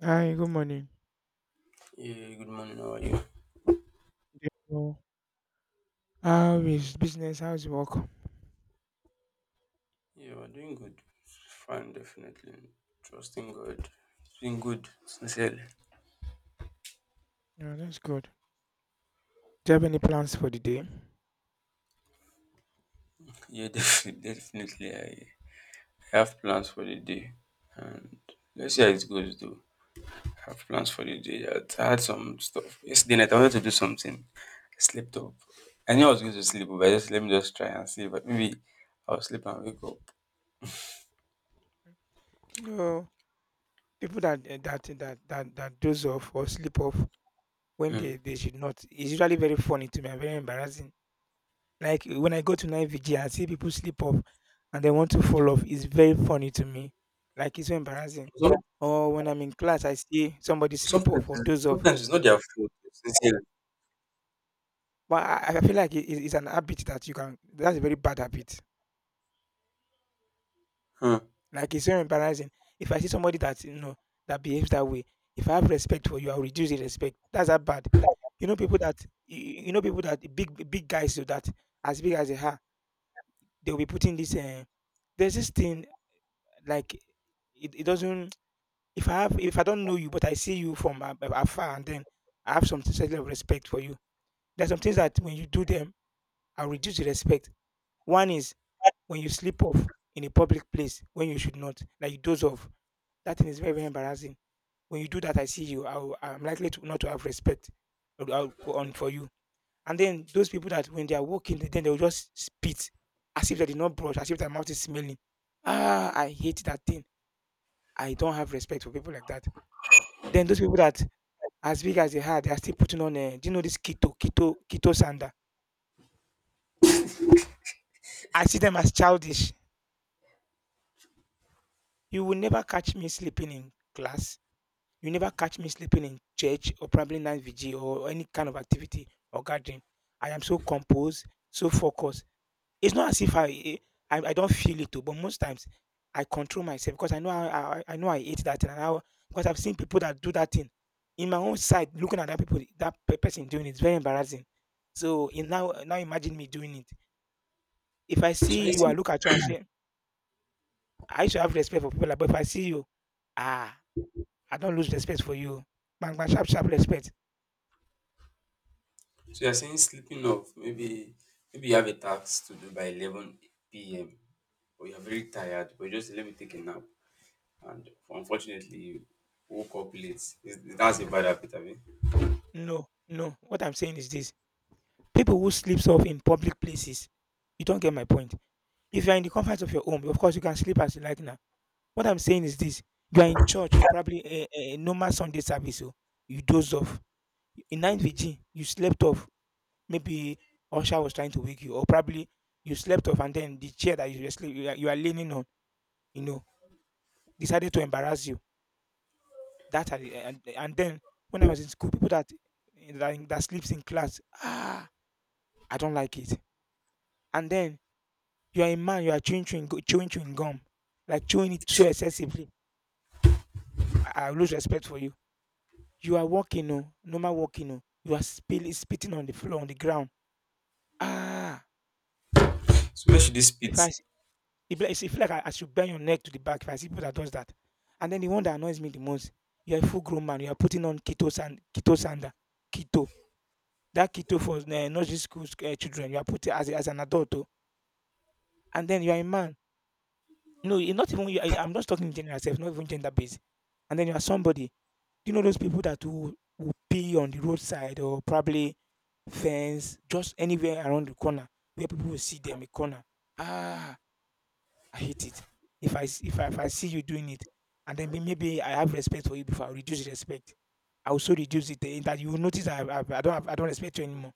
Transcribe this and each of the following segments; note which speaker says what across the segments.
Speaker 1: Hi, good morning.
Speaker 2: Yeah, good morning. How are you?
Speaker 1: Yeah, well. How is business? How is work?
Speaker 2: Yeah, we're doing good. Fine, definitely. Trusting God. It's been good, sincerely.
Speaker 1: Yeah, that's good. Do you have any plans for the day?
Speaker 2: Yeah, definitely. I have plans for the day. And let's see how it goes, though. I have plans for the day. I had some stuff. Yesterday night, I wanted to do something. I slept up. I knew I was going to sleep, but I just let me just try and see. But maybe I'll sleep and wake up.
Speaker 1: You know, People that that doze off or sleep off when
Speaker 2: Mm.
Speaker 1: they should not is usually very funny to me and very embarrassing. Like when I go to night vigil and see people sleep off and they want to fall off, it's very funny to me. Like it's so embarrassing. Or when I'm in class, I see somebody
Speaker 2: Some,
Speaker 1: sleep off or
Speaker 2: sometimes,
Speaker 1: doze off.
Speaker 2: sometimes it's not their fault, sincerely.
Speaker 1: But I feel like it's an habit that you can that's a very bad habit.
Speaker 2: Hmm.
Speaker 1: Like it's very embarrassing. If I see somebody that that behaves that way, if I have respect for you, I'll reduce the respect. That's that bad. You know people that know people that big big guys, so that as big as they are, they'll be putting this there's this thing like it doesn't. If I don't know you but I see you from afar, and then I have some certain level of respect for you. There's some things that when you do them, I'll reduce the respect. One is when you sleep off in a public place when you should not, like you doze off. That thing is very, very embarrassing. When you do that, I see you. I'm likely to not to have respect for you. And then those people that when they are walking, then they will just spit as if they did not brush, as if their mouth is smelling. Ah, I hate that thing. I don't have respect for people like that. Then those people that as big as they are still putting on. Do you know this keto sander? I see them as childish. You will never catch me sleeping in class. You never catch me sleeping in church or probably night vigil or any kind of activity or gathering. I am so composed, so focused. It's not as if I don't feel it too, but most times I control myself because I know I hate that thing, and how, because I've seen people that do that thing. In my own side, looking at that people, that person doing it, it's very embarrassing. So in now now imagine me doing it. If I
Speaker 2: So
Speaker 1: see
Speaker 2: I
Speaker 1: you, I look at you and say, I should have respect for people, like, but if I see you, ah, I don't lose respect for you. Bang bang sharp sharp respect.
Speaker 2: So you're saying sleeping off, maybe you have a task to do by 11 p.m. or you're very tired, but you just let me take a nap. And unfortunately, you woke up late. That's a bad habit, I mean.
Speaker 1: No, no. What I'm saying is this: people who sleeps off in public places. You don't get my point. If you're in the comfort of your home, of course you can sleep as you like now. What I'm saying is this: you are in church or probably a normal Sunday service, so you doze off. In 9VG, you slept off. Maybe Osha was trying to wake you, or probably you slept off, and then the chair that you were sleep, you are leaning on, you know, decided to embarrass you. And then when I was in school, people that that sleeps in class, ah, I don't like it. And then you are a man, you are chewing chewing, gu- chewing chewing gum, like chewing it so excessively. I lose respect for you. You are walking, no, normal walking, no. You are spitting on the floor, on the ground. Ah,
Speaker 2: So where should this fit?
Speaker 1: if I, s- it be like- it feel like I should bend your neck to the back if I see people that does that. And then the one that annoys me the most, you are a full grown man. You are putting on keto sander, keto. That keto for nursery school children. You are putting as as an adult, oh. And then you are a man. No, you're not even. I'm just talking general self, not even gender based. And then you are somebody. You know those people that will pee on the roadside or probably fence, just anywhere around the corner where people will see them, a corner. Ah, I hate it. If I s- if I see you doing it, and then maybe I have respect for you, before I reduce respect. I also reduce it, that you will notice I don't respect you anymore.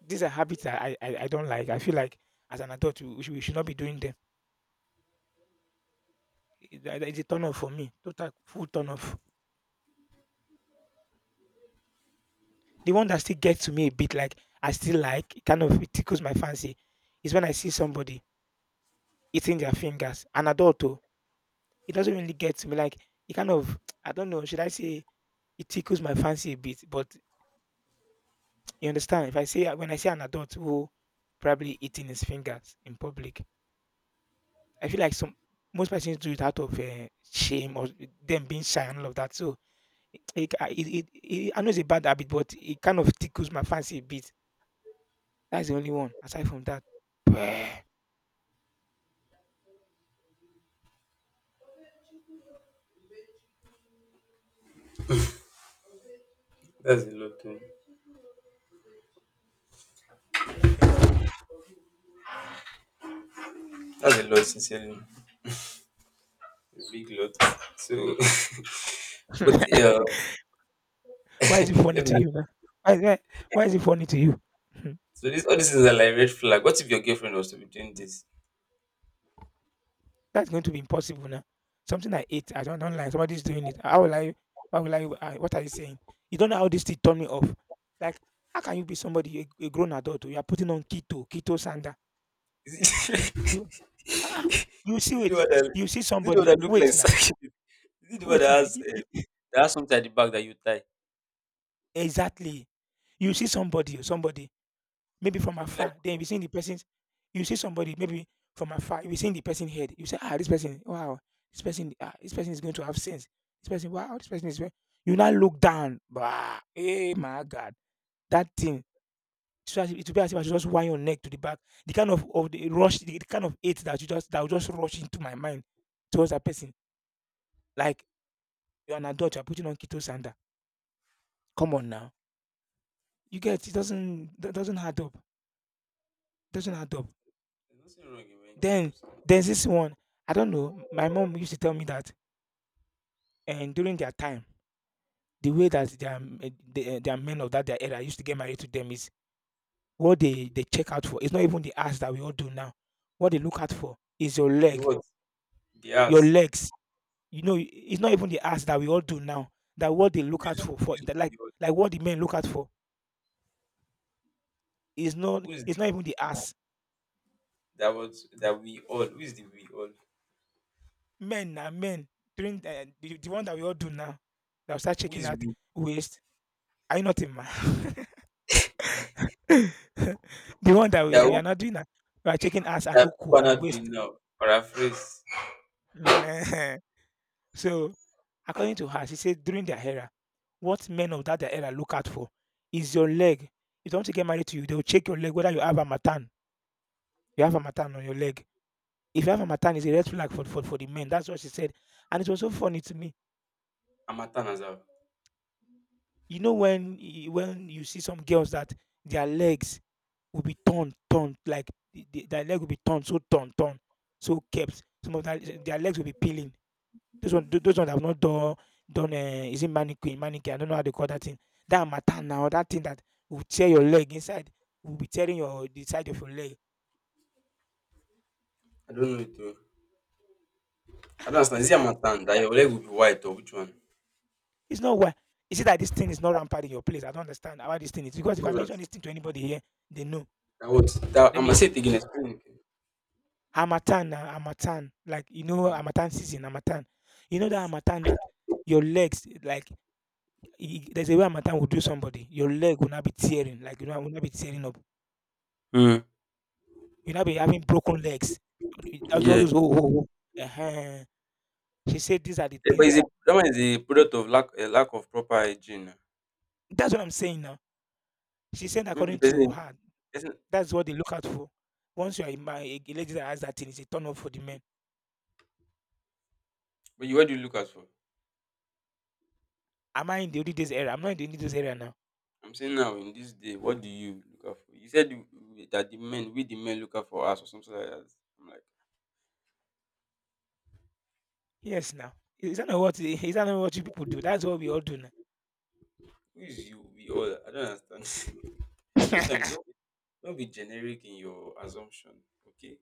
Speaker 1: These are habits that I don't like. I feel like as an adult we should not be doing them. It's a turn off for me. Total full turn off. The one that still gets to me a bit, like I still like it kind of, it tickles my fancy, is when I see somebody eating their fingers, an adult, oh. It doesn't really get to me, like it kind of, I don't know, should I say it tickles my fancy a bit, but you understand if I say, when I see an adult who probably eating his fingers in public, I feel like some most persons do it out of shame or them being shy and all of that. So I know it's a bad habit, but it kind of tickles my fancy a bit. That's the only one aside from that.
Speaker 2: That's a lot, oh. That's a lot, sincerely. A big lot. So, but
Speaker 1: Why is it funny
Speaker 2: let
Speaker 1: to
Speaker 2: me.
Speaker 1: you now? Why why why is it funny to you? Hmm,
Speaker 2: So this all these things are like red flag. What if your girlfriend was to be doing this?
Speaker 1: that's going to be impossible now. Something I ate, I don't like, somebody's doing it. How will I What are you saying? You don't know how this thing turn me off. Like, how can you be somebody, a grown adult, oh, you are putting on keto sander. You ah, you
Speaker 2: Is
Speaker 1: see
Speaker 2: it the
Speaker 1: it.
Speaker 2: one that,
Speaker 1: You see
Speaker 2: is it the one
Speaker 1: somebody,
Speaker 2: that look like
Speaker 1: wait now,
Speaker 2: sack? Is it the one that
Speaker 1: wait now.
Speaker 2: has, uh, that has something at the back that you tie?
Speaker 1: Exactly. You see somebody, oh, somebody maybe from
Speaker 2: So you do like
Speaker 1: afar. Then if
Speaker 2: crop.
Speaker 1: you see the person's, you see somebody maybe from afar. If you see the person's head, you say, ah, this person, wow, this person, ah, this person is going to have sense. This person, wow, this person is. You now look down, bah, hey my God, that thing. It will be as if I should just wind your neck to the back. The kind of the rush, the kind of hate that you just that will just rush into my mind towards that person. Like you're an adult, you're putting on keto sander. Come on now, you get it doesn't that doesn't add up. Doesn't add up.
Speaker 2: There's nothing wrong in wearing
Speaker 1: Then
Speaker 2: capes.
Speaker 1: there's this one, I don't know, my mom used to tell me that, and during their time, the way that their men of that their era used to get married to them is what they check out for. It's not even the ass that we all do now. What they look out for is your
Speaker 2: The
Speaker 1: leg,
Speaker 2: what? The
Speaker 1: your
Speaker 2: ass.
Speaker 1: legs. It's not even the ass that we all do now. That what they look out for,
Speaker 2: Who
Speaker 1: for
Speaker 2: is
Speaker 1: that, like
Speaker 2: the what?
Speaker 1: like what the men look out for is not
Speaker 2: Who is
Speaker 1: it's
Speaker 2: the
Speaker 1: not even the ass.
Speaker 2: that was that we all? Who is the we all?
Speaker 1: Men are men during the one that we all do now. They'll start
Speaker 2: Who
Speaker 1: checking
Speaker 2: is
Speaker 1: out
Speaker 2: we?
Speaker 1: waist. Are you not a man? The one that we
Speaker 2: That
Speaker 1: are we
Speaker 2: who-
Speaker 1: are not doing that. We are checking ass and
Speaker 2: that
Speaker 1: uku
Speaker 2: people are
Speaker 1: and
Speaker 2: not doing
Speaker 1: waist.
Speaker 2: now. Paraphrase.
Speaker 1: Nehen. So, according to her, she said during their era, what men of that their era look out for is your leg. If they want to get married to you, they will check your leg whether you have a matan. You have a matan on your leg. If you have a matan, it's a red flag for the men. That's what she said. And it was so funny to me.
Speaker 2: Amatan as well.
Speaker 1: You know when when you see some girls that their legs will be torn, torn, like their leg will be torn, so torn, torn, so kept. Some of their legs will be peeling. Those ones have not done, done. Uh, is it mannequin? I don't know how they call that thing. That matter now, that thing that will tear your leg inside, will be tearing your the side of your leg.
Speaker 2: I don't know it, oh. I don't understand.
Speaker 1: Is
Speaker 2: Is
Speaker 1: it
Speaker 2: it
Speaker 1: that?
Speaker 2: Amatan that your leg will be white or which one?
Speaker 1: It's not why. Is it that this thing is not rampant in your place? I don't understand how this thing is, because if
Speaker 2: What
Speaker 1: I mention
Speaker 2: was
Speaker 1: this thing to anybody here, they know.
Speaker 2: that? That what? That I'm
Speaker 1: Let me
Speaker 2: gonna say it
Speaker 1: explain.
Speaker 2: again. Explain it.
Speaker 1: Hamatan, na, Hamatan, like
Speaker 2: Again.
Speaker 1: Hamatan season, Hamatan. You know that Hamatan that your legs there's a way harmattan will do somebody. Your leg will not be tearing, like will not be tearing up.
Speaker 2: Mm.
Speaker 1: You'll not be having broken legs.
Speaker 2: Mm.
Speaker 1: That's all
Speaker 2: Yeah.
Speaker 1: those. Oh, oh. uh She said these are the
Speaker 2: Yeah, but
Speaker 1: things
Speaker 2: it's a
Speaker 1: that.
Speaker 2: that one is a product of lack a lack of proper hygiene.
Speaker 1: That's what I'm saying now. She said,
Speaker 2: Maybe the
Speaker 1: according to
Speaker 2: person
Speaker 1: her,
Speaker 2: person
Speaker 1: that's what they look out for. Once you are in my a lady that has that thing, it's a turn off for the men.
Speaker 2: but you what do you look out for?
Speaker 1: Am I in the olden days era? I'm not in the olden days era now.
Speaker 2: I'm saying now in this day, what do you look out for? You said that the men we the men look out for us or something like that. I'm like,
Speaker 1: Yes, now. Is that not what? Is that not what you people do? That's what we all do now.
Speaker 2: who is you? We all, I don't understand. Sometimes don't be generic in your assumption. Okay.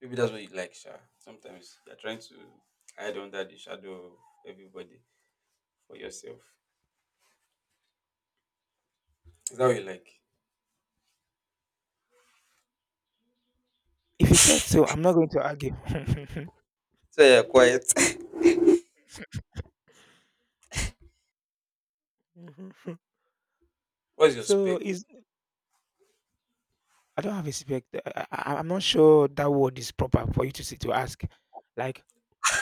Speaker 2: Maybe that's what you like, Sha. Sometimes you're trying to hide under the shadow of everybody for yourself. Is that what you like?
Speaker 1: If you said so, I'm not going to argue.
Speaker 2: So you're quiet. What's your
Speaker 1: so
Speaker 2: spec?
Speaker 1: it's I don't have a spec. I'm not sure that word is proper for you to say to ask. Like,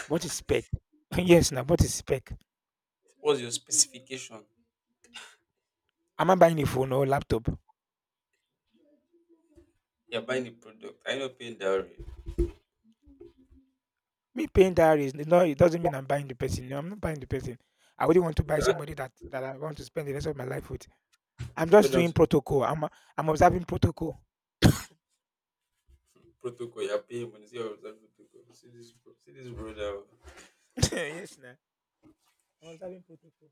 Speaker 1: what is spec? Yes, now, what is spec?
Speaker 2: What's your specification?
Speaker 1: Am I buying a phone or laptop?
Speaker 2: You're buying the product. Are you not paying dowry?
Speaker 1: Me paying that is no. It doesn't mean I'm buying the person. No, I'm not buying the person. I wouldn't want to buy
Speaker 2: You're not
Speaker 1: somebody that I want to spend the rest of my life with. I'm
Speaker 2: paying
Speaker 1: just
Speaker 2: down
Speaker 1: doing
Speaker 2: to the
Speaker 1: protocol. I'm observing protocol.
Speaker 2: protocol. You're paying money. See, your reserve protocol. See this, see this brother.
Speaker 1: Yes, now, I'm observing protocol.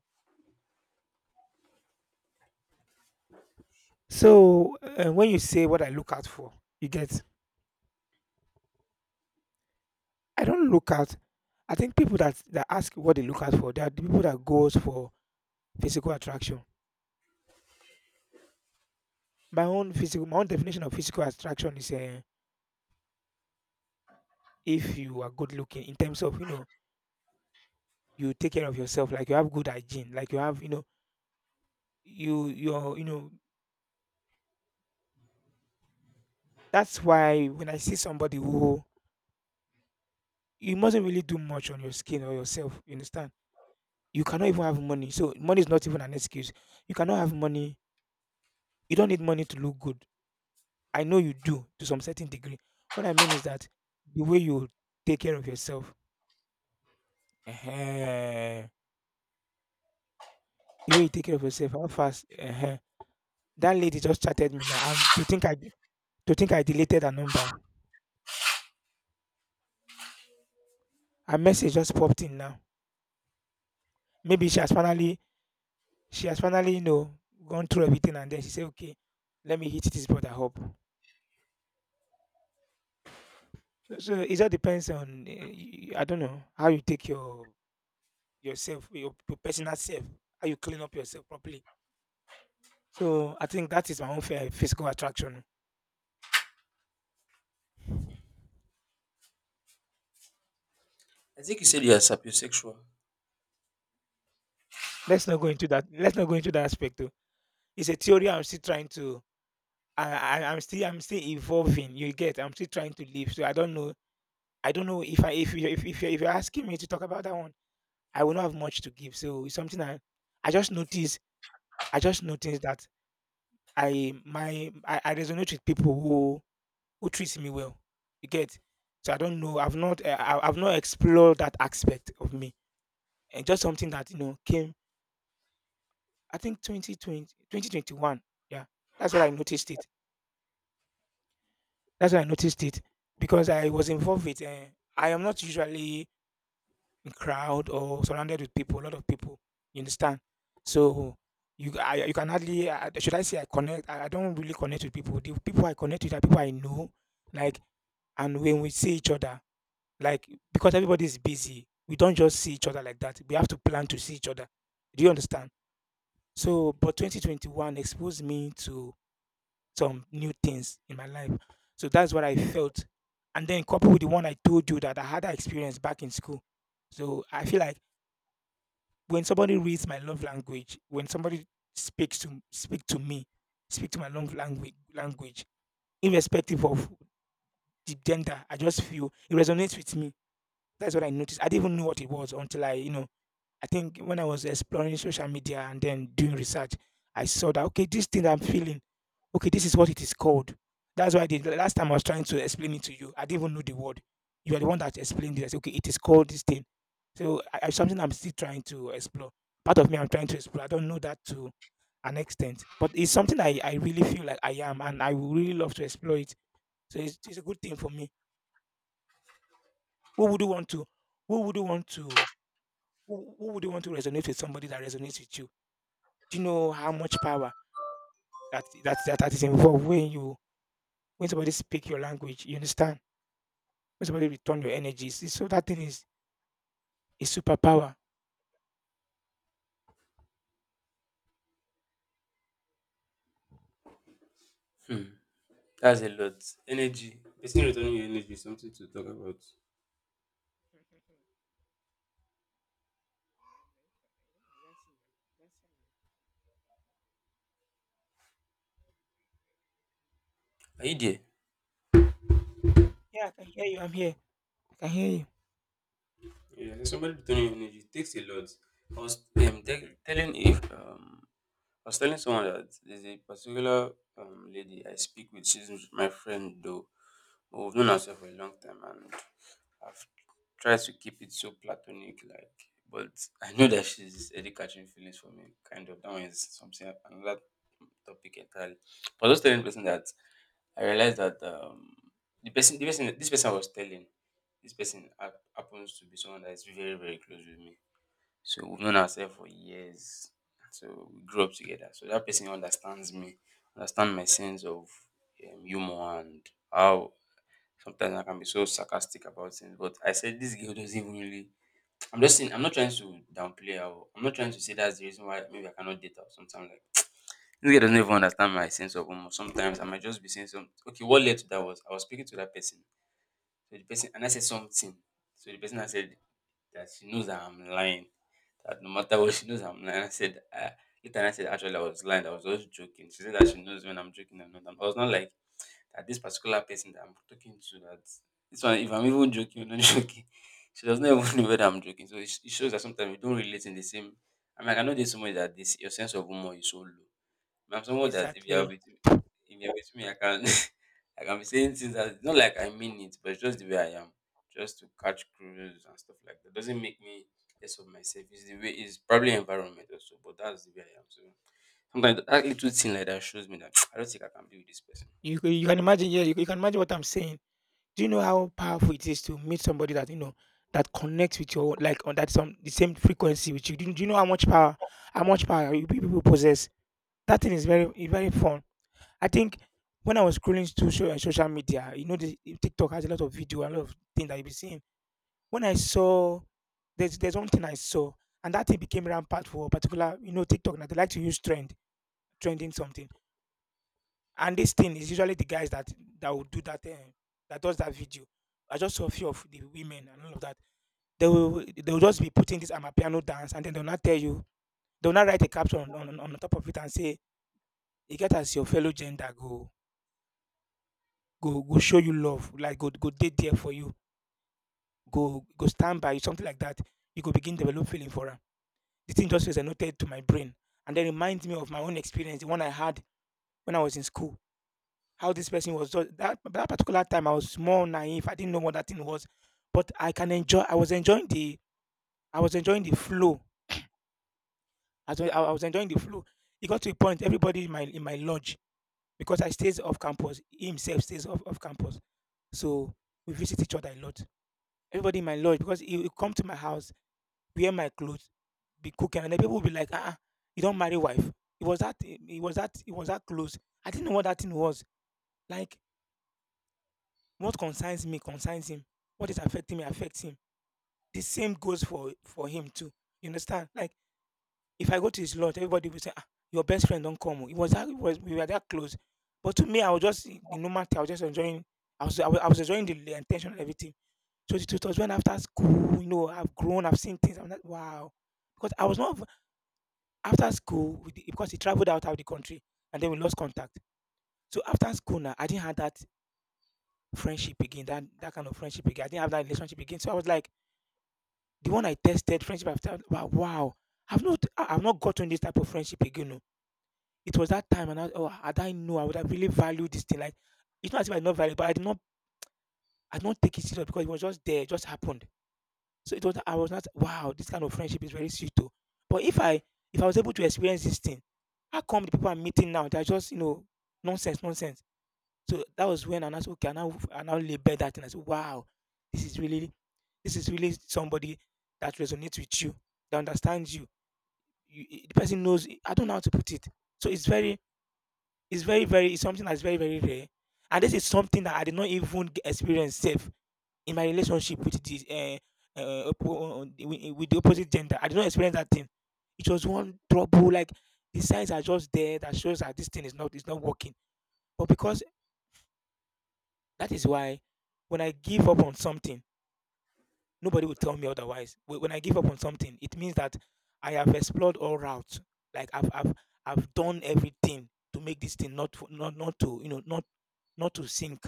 Speaker 1: So when you say what I look out for, you get. I don't look out. I think people that ask what they look out for, they are the people that goes for physical attraction. My own definition of physical attraction is if you are good looking in terms of, you take care of yourself, like you have good hygiene, like you have, you know you you're you know that's why when I see somebody who, you mustn't really do much on your skin or yourself, you understand? You cannot even have money, so money is not even an excuse. You cannot have money. You don't need money to look good. I know you do to some certain degree. What I mean is that the way you take care of yourself. Ehen. The way you take care of yourself, how fast that lady just chatted me now, and to think I deleted her number. Her message just popped in now. Maybe she has finally, gone through everything, and then she said, "Okay, let me hit this brother up." So it all depends on I don't know how you take your yourself, your personal self, how you clean up yourself properly. So I think that is my own fair physical attraction.
Speaker 2: I think you said you are sapiosexual.
Speaker 1: Let's not go into that. Let's not go into that aspect though. It's a theory I'm still trying to I'm still evolving, you get? I'm still trying to live, so I don't know if I if you if you're asking me to talk about that one, I will not have much to give. So it's something I just noticed I just noticed that I resonate with people who treats me well, you get? So I don't know, I've not I've not explored that aspect of me. And just something that, came, I think twenty one. Yeah. That's what I noticed it. That's why I noticed it because I was involved with. I am not usually in crowd or surrounded with people, a lot of people. You understand? So you can hardly, should I say I connect? I don't really connect with people. The people I connect with are people I know, like, and when we see each other, like, because everybody is busy, we don't just see each other like that. We have to plan to see each other. Do you understand? So, but 2021 exposed me to some new things in my life. So that's what I felt. And then coupled with the one I told you that I had that experience back in school. So I feel like when somebody reads my love language, when somebody speak to me, speak to my love language, irrespective of the gender, I just feel it resonates with me. That's what I noticed. I didn't even know what it was until I, I think when I was exploring social media and then doing research, I saw that, okay, this thing I'm feeling, okay, this is what it is called. That's why the last time I was trying to explain it to you, I didn't even know the word. You are the one that explained it. I said, okay, it is called this thing. So something I'm still trying to explore. Part of me I'm trying to explore. I don't know that to an extent, but it's something I really feel like I am, and I would really love to explore it. So it's a good thing for me. Who would you want to? Who would you want to? Who would you want to resonate with? Somebody that resonates with you. Do you know how much power that is involved when you, when somebody speak your language? You understand? When somebody return your energy, see, so that thing is a superpower.
Speaker 2: Hmm. That's a lot. Energy. Person returning your energy is something to talk about. Are you there?
Speaker 1: Yeah, I can hear you. I'm here. I can hear you.
Speaker 2: Yeah, somebody returning your energy takes a lot. I was te- telling if I was telling someone that there's a particular lady I speak with. She's my friend, though. But we've known ourselves for a long time, and I've tried to keep it so platonic, like. But I know that she's already catching feelings for me. Kind of that one is something another topic entirely. But I was telling the person that I realized that this person I was telling, this person happens to be someone that is very, very close with me. So we've known ourselves for years. So we grew up together. So that person understands me, understand my sense of humor, and how sometimes I can be so sarcastic about things. But I said this girl doesn't even really. I'm just saying. I'm not trying to downplay her, I'm not trying to say that's the reason why maybe I cannot date her or something like. This girl doesn't even understand my sense of humor. Sometimes I might just be saying something. Okay, what led to that was I was speaking to that person. So the person and I said something. So the person, I said that she knows that I'm lying, that no matter what she knows I'm lying. I said later I said actually I was lying, I was just joking. She said that she knows when I'm joking and not. And I was not like that this particular person that I'm talking to, that this one, if I'm even joking or not joking, she does not even know whether I'm joking. So it shows that sometimes we don't relate in the same. I mean, I know this somebody that this your sense of humor is so low. I'm someone that if you're
Speaker 1: Exactly.
Speaker 2: with me, if you're with me, I can I can be saying things that it's not like I mean it, but it's just the way I am, just to catch cruise and stuff like that. Doesn't make me less of myself. It's the way, it's probably environment also, but that's the way I am. So sometimes that little thing like that shows me that I don't think I can be with this person.
Speaker 1: You can imagine. Yeah, you can imagine what I'm saying. Do you know how powerful it is to meet somebody that you know that connects with your, like, on that some the same frequency with you? Do you know how much power you people possess? That thing is very it's very fun. I think when I was scrolling through social media, you know, the TikTok has a lot of video, a lot of things that you be seeing. When I saw, there's one thing I saw, and that thing became rampant for a particular, you know, TikTok. Now they like to use trending something, and this thing is usually the guys that will do that, that does that video. I just saw a few of the women and all of that. They will just be putting this amapiano dance, and then they'll not tell you. They'll not write a caption on top of it and say, "You get as your fellow gender, go show you love, like go date there for you, go stand by you, something like that." You go begin develop feeling for her. The thing just feels annotated to my brain and then reminds me of my own experience, the one I had when I was in school. How this person was just that particular time I was more naive. I didn't know what that thing was. But I was enjoying the flow. I was enjoying the flow. It got to a point everybody in my lodge, because I stays off campus. He himself stays off campus. So we visit each other a lot. Everybody in my lodge, because he would come to my house, wear my clothes, be cooking, and then people will be like, "Ah, ah, you don't marry wife." It was that. It was that. It was that close. I didn't know what that thing was. Like, what concerns me concerns him. What is affecting me affects him. The same goes for him too. You understand? Like, if I go to his lodge, everybody will say, "Ah, your best friend don't come." Oh." It was that. It was we were that close. But to me, I was just the normal thing, I was just enjoying. I was enjoying the intention and everything. So it was when after school, you know, I've grown, I've seen things. I'm like, wow, because I was not. After school, we di because he traveled out of the country and then we lost contact. So after school now, I didn't have that friendship again, that kind of friendship again. I didn't have that relationship again. So I was like, the one I tested friendship after, wow, wow. I've not gotten this type of friendship again. Oh. It was that time, and I, oh, had I know, I would have really valued this thing. Like, it's not as if I did not value, but I did not take it serious because it was just there, it just happened. So it was, I was not, wow, this kind of friendship is very sweet too. But if I was able to experience this thing, how come the people I'm meeting now they're just, you know, nonsense, nonsense. So that was when I now said, okay, I now label that and I said, wow, this is really this is really somebody that resonates with you, that understands you. The person knows, I don't know how to put it. So it's something that's very, very rare. And this is something that I did not even experience safe in my relationship with the with the opposite gender. I did not experience that thing. It was one trouble. Like the signs are just there that shows that this thing is not working. But because that is why when I give up on something, nobody will tell me otherwise. When I give up on something, it means that I have explored all routes. Like I've done everything to make this thing not to not to sink.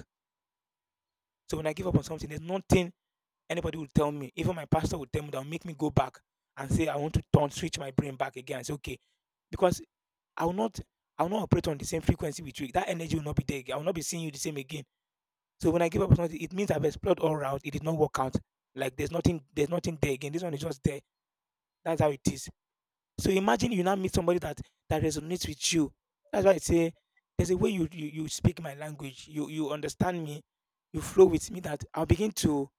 Speaker 1: So when I give up on something, there's nothing. Anybody would tell me, even my pastor would tell me, that would make me go back and say, I want to turn, switch my brain back again. I say, okay. Because I will not I will not operate on the same frequency with you. That energy will not be there again. I will not be seeing you the same again. So when I give up something, it means I've explored all round. It did not work out. Like there's nothing there again. This one is just there. That's how it is. So imagine you now meet somebody that resonates with you. That's why I say there's a way you speak my language. You understand me. You flow with me. That I'll begin to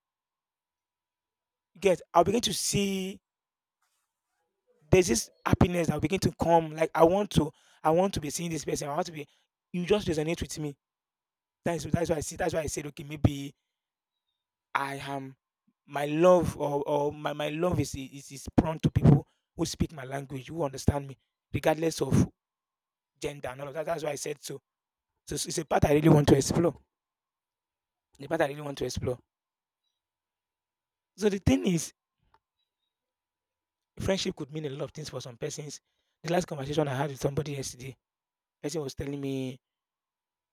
Speaker 1: get. I'll begin to see there's this happiness that will begin to come. Like I want to be seeing this person. I want to be. You just resonate with me. That's why I see. That's why I said, okay, maybe I am my love, or my love is prone to people who speak my language, who understand me, regardless of gender and all of that. That's why I said so. So it's a part I really want to explore. The part I really want to explore. So the thing is, friendship could mean a lot of things for some persons. The last conversation I had with somebody yesterday, person was telling me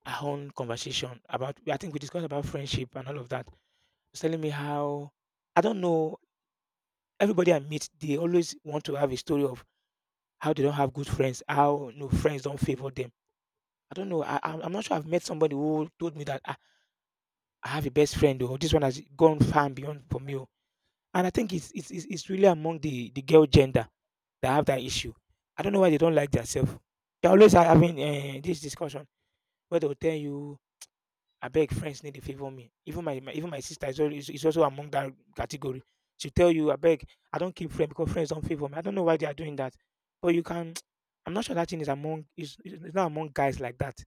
Speaker 1: our own conversation about, I think, we discussed about friendship and all of that. She's telling me how, I don't know, everybody I meet, they always want to have a story of how they don't have good friends, how no friends don't favor them. I don't know. I'm not sure. I've met somebody who told me that I have a best friend or this one has gone far and beyond for me. Oh." And I think it's really among the girl gender that have that issue. I don't know why they don't like themselves. They always are having this discussion where they'll tell you, I beg, friends need to favor me. Even my sister is also among that category. She tell you, I beg, I don't keep friends because friends don't favor me. I don't know why they are doing that. But you can I'm not sure that thing is not among guys like that.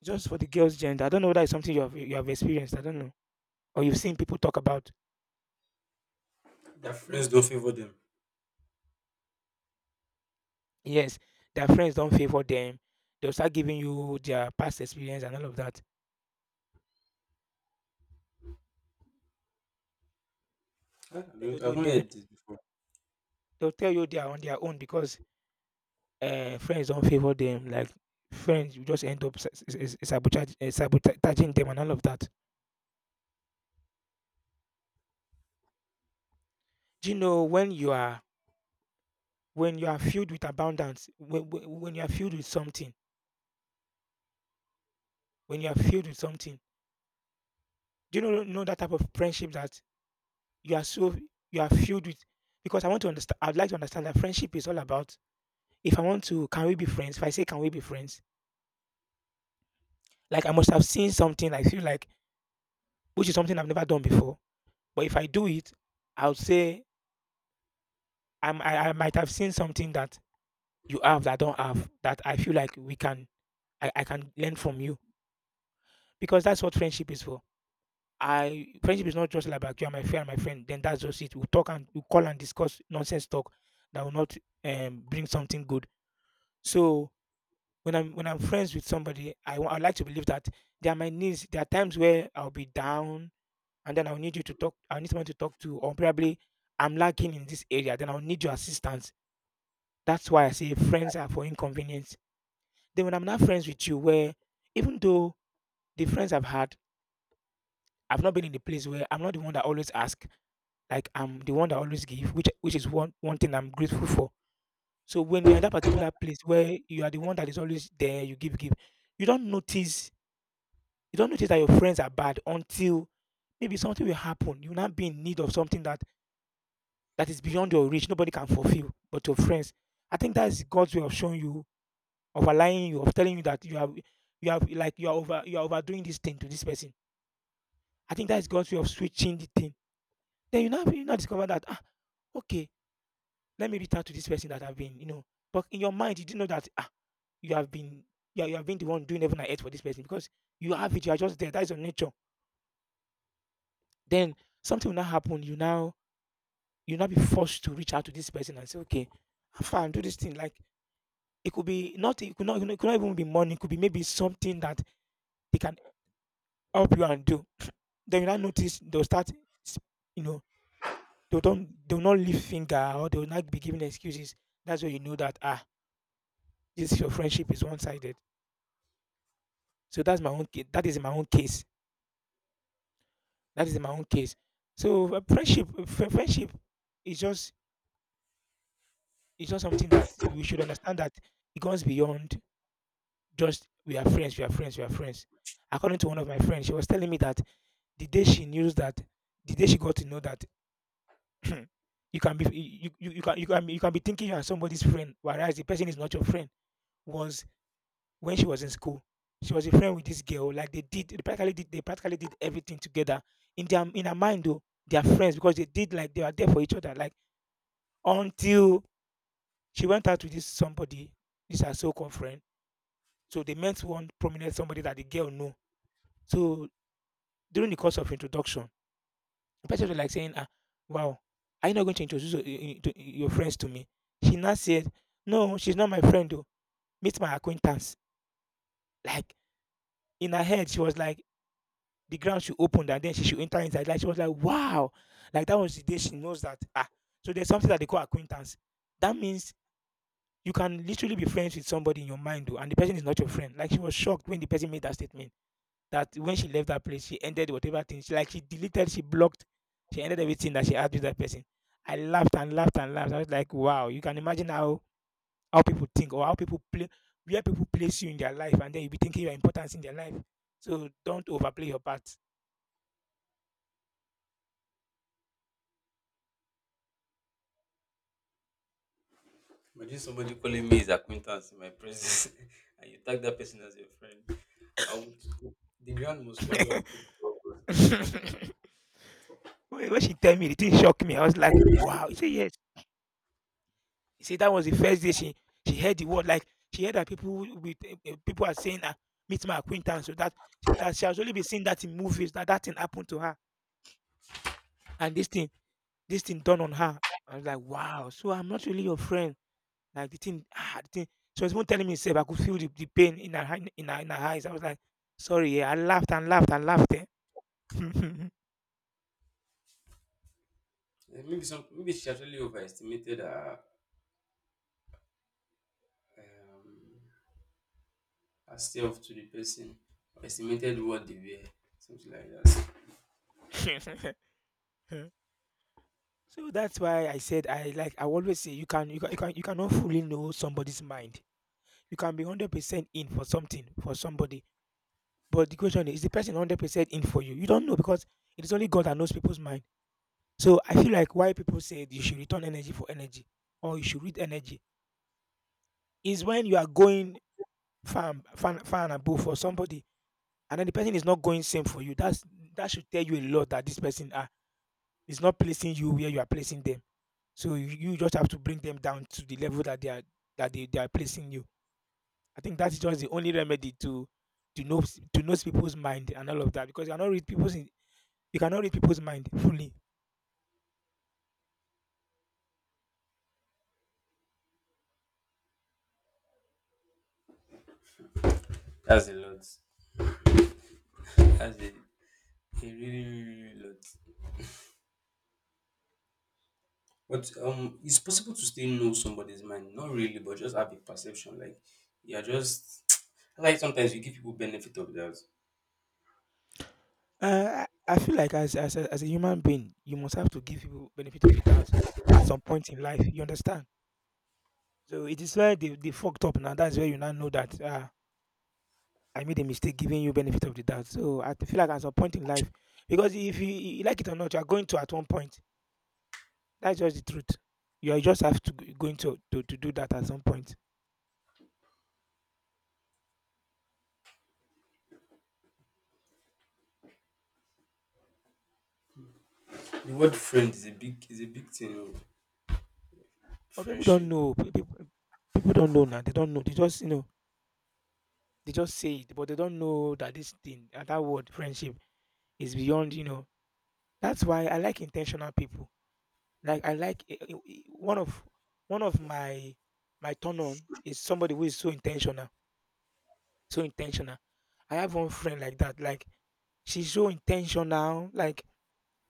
Speaker 1: Just for the girls' gender. I don't know whether it's something you have experienced. I don't know. Or you've seen people talk about.
Speaker 2: Their friends don't favor them.
Speaker 1: Yes, their friends don't favor them. They'll start giving you their past experience and all of that.
Speaker 2: Ah,
Speaker 1: They, they,
Speaker 2: I've
Speaker 1: they,
Speaker 2: not
Speaker 1: they-
Speaker 2: heard this before.
Speaker 1: they'll tell you they are on their own because friends not favour them, like friends you just end up sabotaging them and all of that. Do you know when you are filled with abundance, when you are filled with something, do you know that type of friendship that you are so, you are filled with, because I'd like to understand that friendship is all about, if I want to, can we be friends, if I say, can we be friends like I must have seen something, I feel like, which is something I've never done before, but if I do it, I'll say, I might have seen something that you have that I don't have, that I feel like we can, I can learn from you, because that's what friendship is for. I friendship is not just like, "Like, you are my friend, my friend." Then that's just it. We will talk and we will call and discuss nonsense talk that will not bring something good. So when I'm friends with somebody, I like to believe that there are my needs. There are times where I'll be down, and then I'll need you to talk. I need someone to talk to, or probably I'm lacking in this area. Then I'll need your assistance. That's why I say friends are for inconvenience. Then when I'm not friends with you, where even though the friends I've had, I've not been in the place where I'm not the one that always ask, like I'm the one that always give, which is one thing I'm grateful for. So when you're in that particular place where you are the one that is always there, you give, give, you don't notice, you don't notice that your friends are bad until maybe something will happen. You will not be in need of something that is beyond your reach. Nobody can fulfill, but your friends. I think that is God's way of showing you, of allowing you, of telling you that you have, like you are overdoing this thing to this person. I think that is God's way of switching the thing. Then you now discover that okay, let me reach out to this person that I've been. But in your mind, you didn't know that you have been you have been the one doing heaven and earth for this person, because you have it. You are just there. That is your nature. Then something will now happen. You now be forced to reach out to this person and say, okay, I'm fine. Do this thing, like. It could be not. It could not. It could not even be money. It could be maybe something that they can help you and do. Then you now notice they'll start, you know, they'll not lift finger, or they'll not be giving excuses. That's when you know that this your friendship is one sided. So that's my own case. That is in my own case. That is in my own case. So friendship, is just something that we should understand, that it goes beyond just we are friends, we are friends, we are friends. According to one of my friends, she was telling me that the day she knew that the day she got to know that you can be thinking you are somebody's friend, whereas the person is not your friend, was when she was in school. She was a friend with this girl. Like they did, they practically did, they practically did everything together. In her mind, though, they are friends because they did, like they were there for each other. Like until she went out with this somebody, this her so-called friend. So they met one prominent somebody that the girl knew. So during the course of introduction, the person was like saying, "Ah, wow, are you not going to introduce your friends to me?" She now said, "No, she's not my friend. Though, meet my acquaintance." Like, in her head, she was like the ground she opened and then she should enter inside. Like she was like, wow. Like that was the day she knows that ah. So there's something that they call acquaintance. That means you can literally be friends with somebody in your mind, though, and the person is not your friend. Like she was shocked when the person made that statement. That when she left that place, she ended whatever thing. She, like, she deleted, she blocked, she ended everything that she had with that person. I laughed and laughed and laughed. I was like, wow, you can imagine how people think, or how people play, where people place you in their life and then you be thinking your importance in their life. So don't overplay your part.
Speaker 2: Imagine somebody calling me his acquaintance in my presence, and you tag that person as your friend. I would the ground must swallow and take.
Speaker 1: When she tell me, the thing shocked me. I was like, "Wow!" He said, "Yes." He said that was the first day she heard the word. Like she heard that people with eh, eh, people are saying, "Meet my acquaintance." So that she has only been seeing that in movies. That thing happened to her, and this thing done on her. I was like, "Wow!" So I'm not really your friend. Like the thing. She was even telling me, "Seb, I could feel the pain in her hand- in her eyes." I was like, "Sorry." Yeah, I laughed and laughed and laughed. Eh.
Speaker 2: Maybe some maybe she actually overestimated um, herself to the person, or estimated what they were, something like that.
Speaker 1: So that's why I said I like I always say you cannot fully know somebody's mind. You can be 100% in for something for somebody, but the question is the person 100% in for you? You don't know because it is only God that knows people's mind. So I feel like why people say you should return energy for energy or you should read energy is when you are going far and above for somebody, and then the person is not going same for you. That should tell you a lot that this person ah is not placing you where you are placing them. So you just have to bring them down to the level that they are that they are placing you. I think that's just the only remedy to know to know people's mind and all of that because you cannot read people's mind fully.
Speaker 2: That's a lot. That's a really, really really lot. But it's possible to still know somebody's mind, not really, but just have a perception. Like you're just like sometimes you give people benefit of doubt.
Speaker 1: Uh, I I feel like as a human being, you must have to give people benefit of the doubt at some point in life. You understand? So it is where they fucked up now. That's where you now know that I made a mistake giving you benefit of the doubt. So I feel like at some point in life, because if you like it or not, you are going to at one point. That's just the truth. You just have to going to do that at some point.
Speaker 2: The word friend is a big thing, oh.
Speaker 1: But people don't
Speaker 2: Friendship.
Speaker 1: know. People don't know now. They don't know. They just say it, but they don't know that this thing that word friendship is beyond. You know. That's why I like intentional people. Like I like one of my turn on is somebody who is so intentional, so intentional. I have one friend like that. Like she's so intentional. Like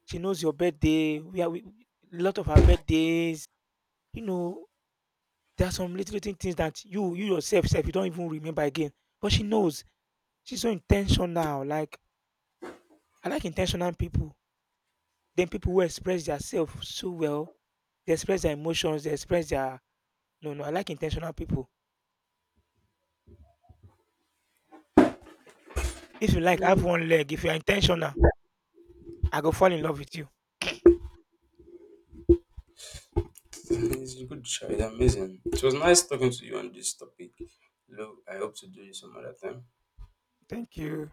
Speaker 1: she knows your birthday. We are a lot of her birthdays. You know, there are some little, little things that you yourself self you don't even remember again. But she knows. She's so intentional. Like I like intentional people. Then people who express themselves so well. They express their emotions. They express their no no. I like intentional people. If you like, have one leg. If you are intentional, I go fall in love with you.
Speaker 2: It's a good try. It's amazing. It was nice talking to you on this topic. Look, I hope to do this some other time.
Speaker 1: Thank you.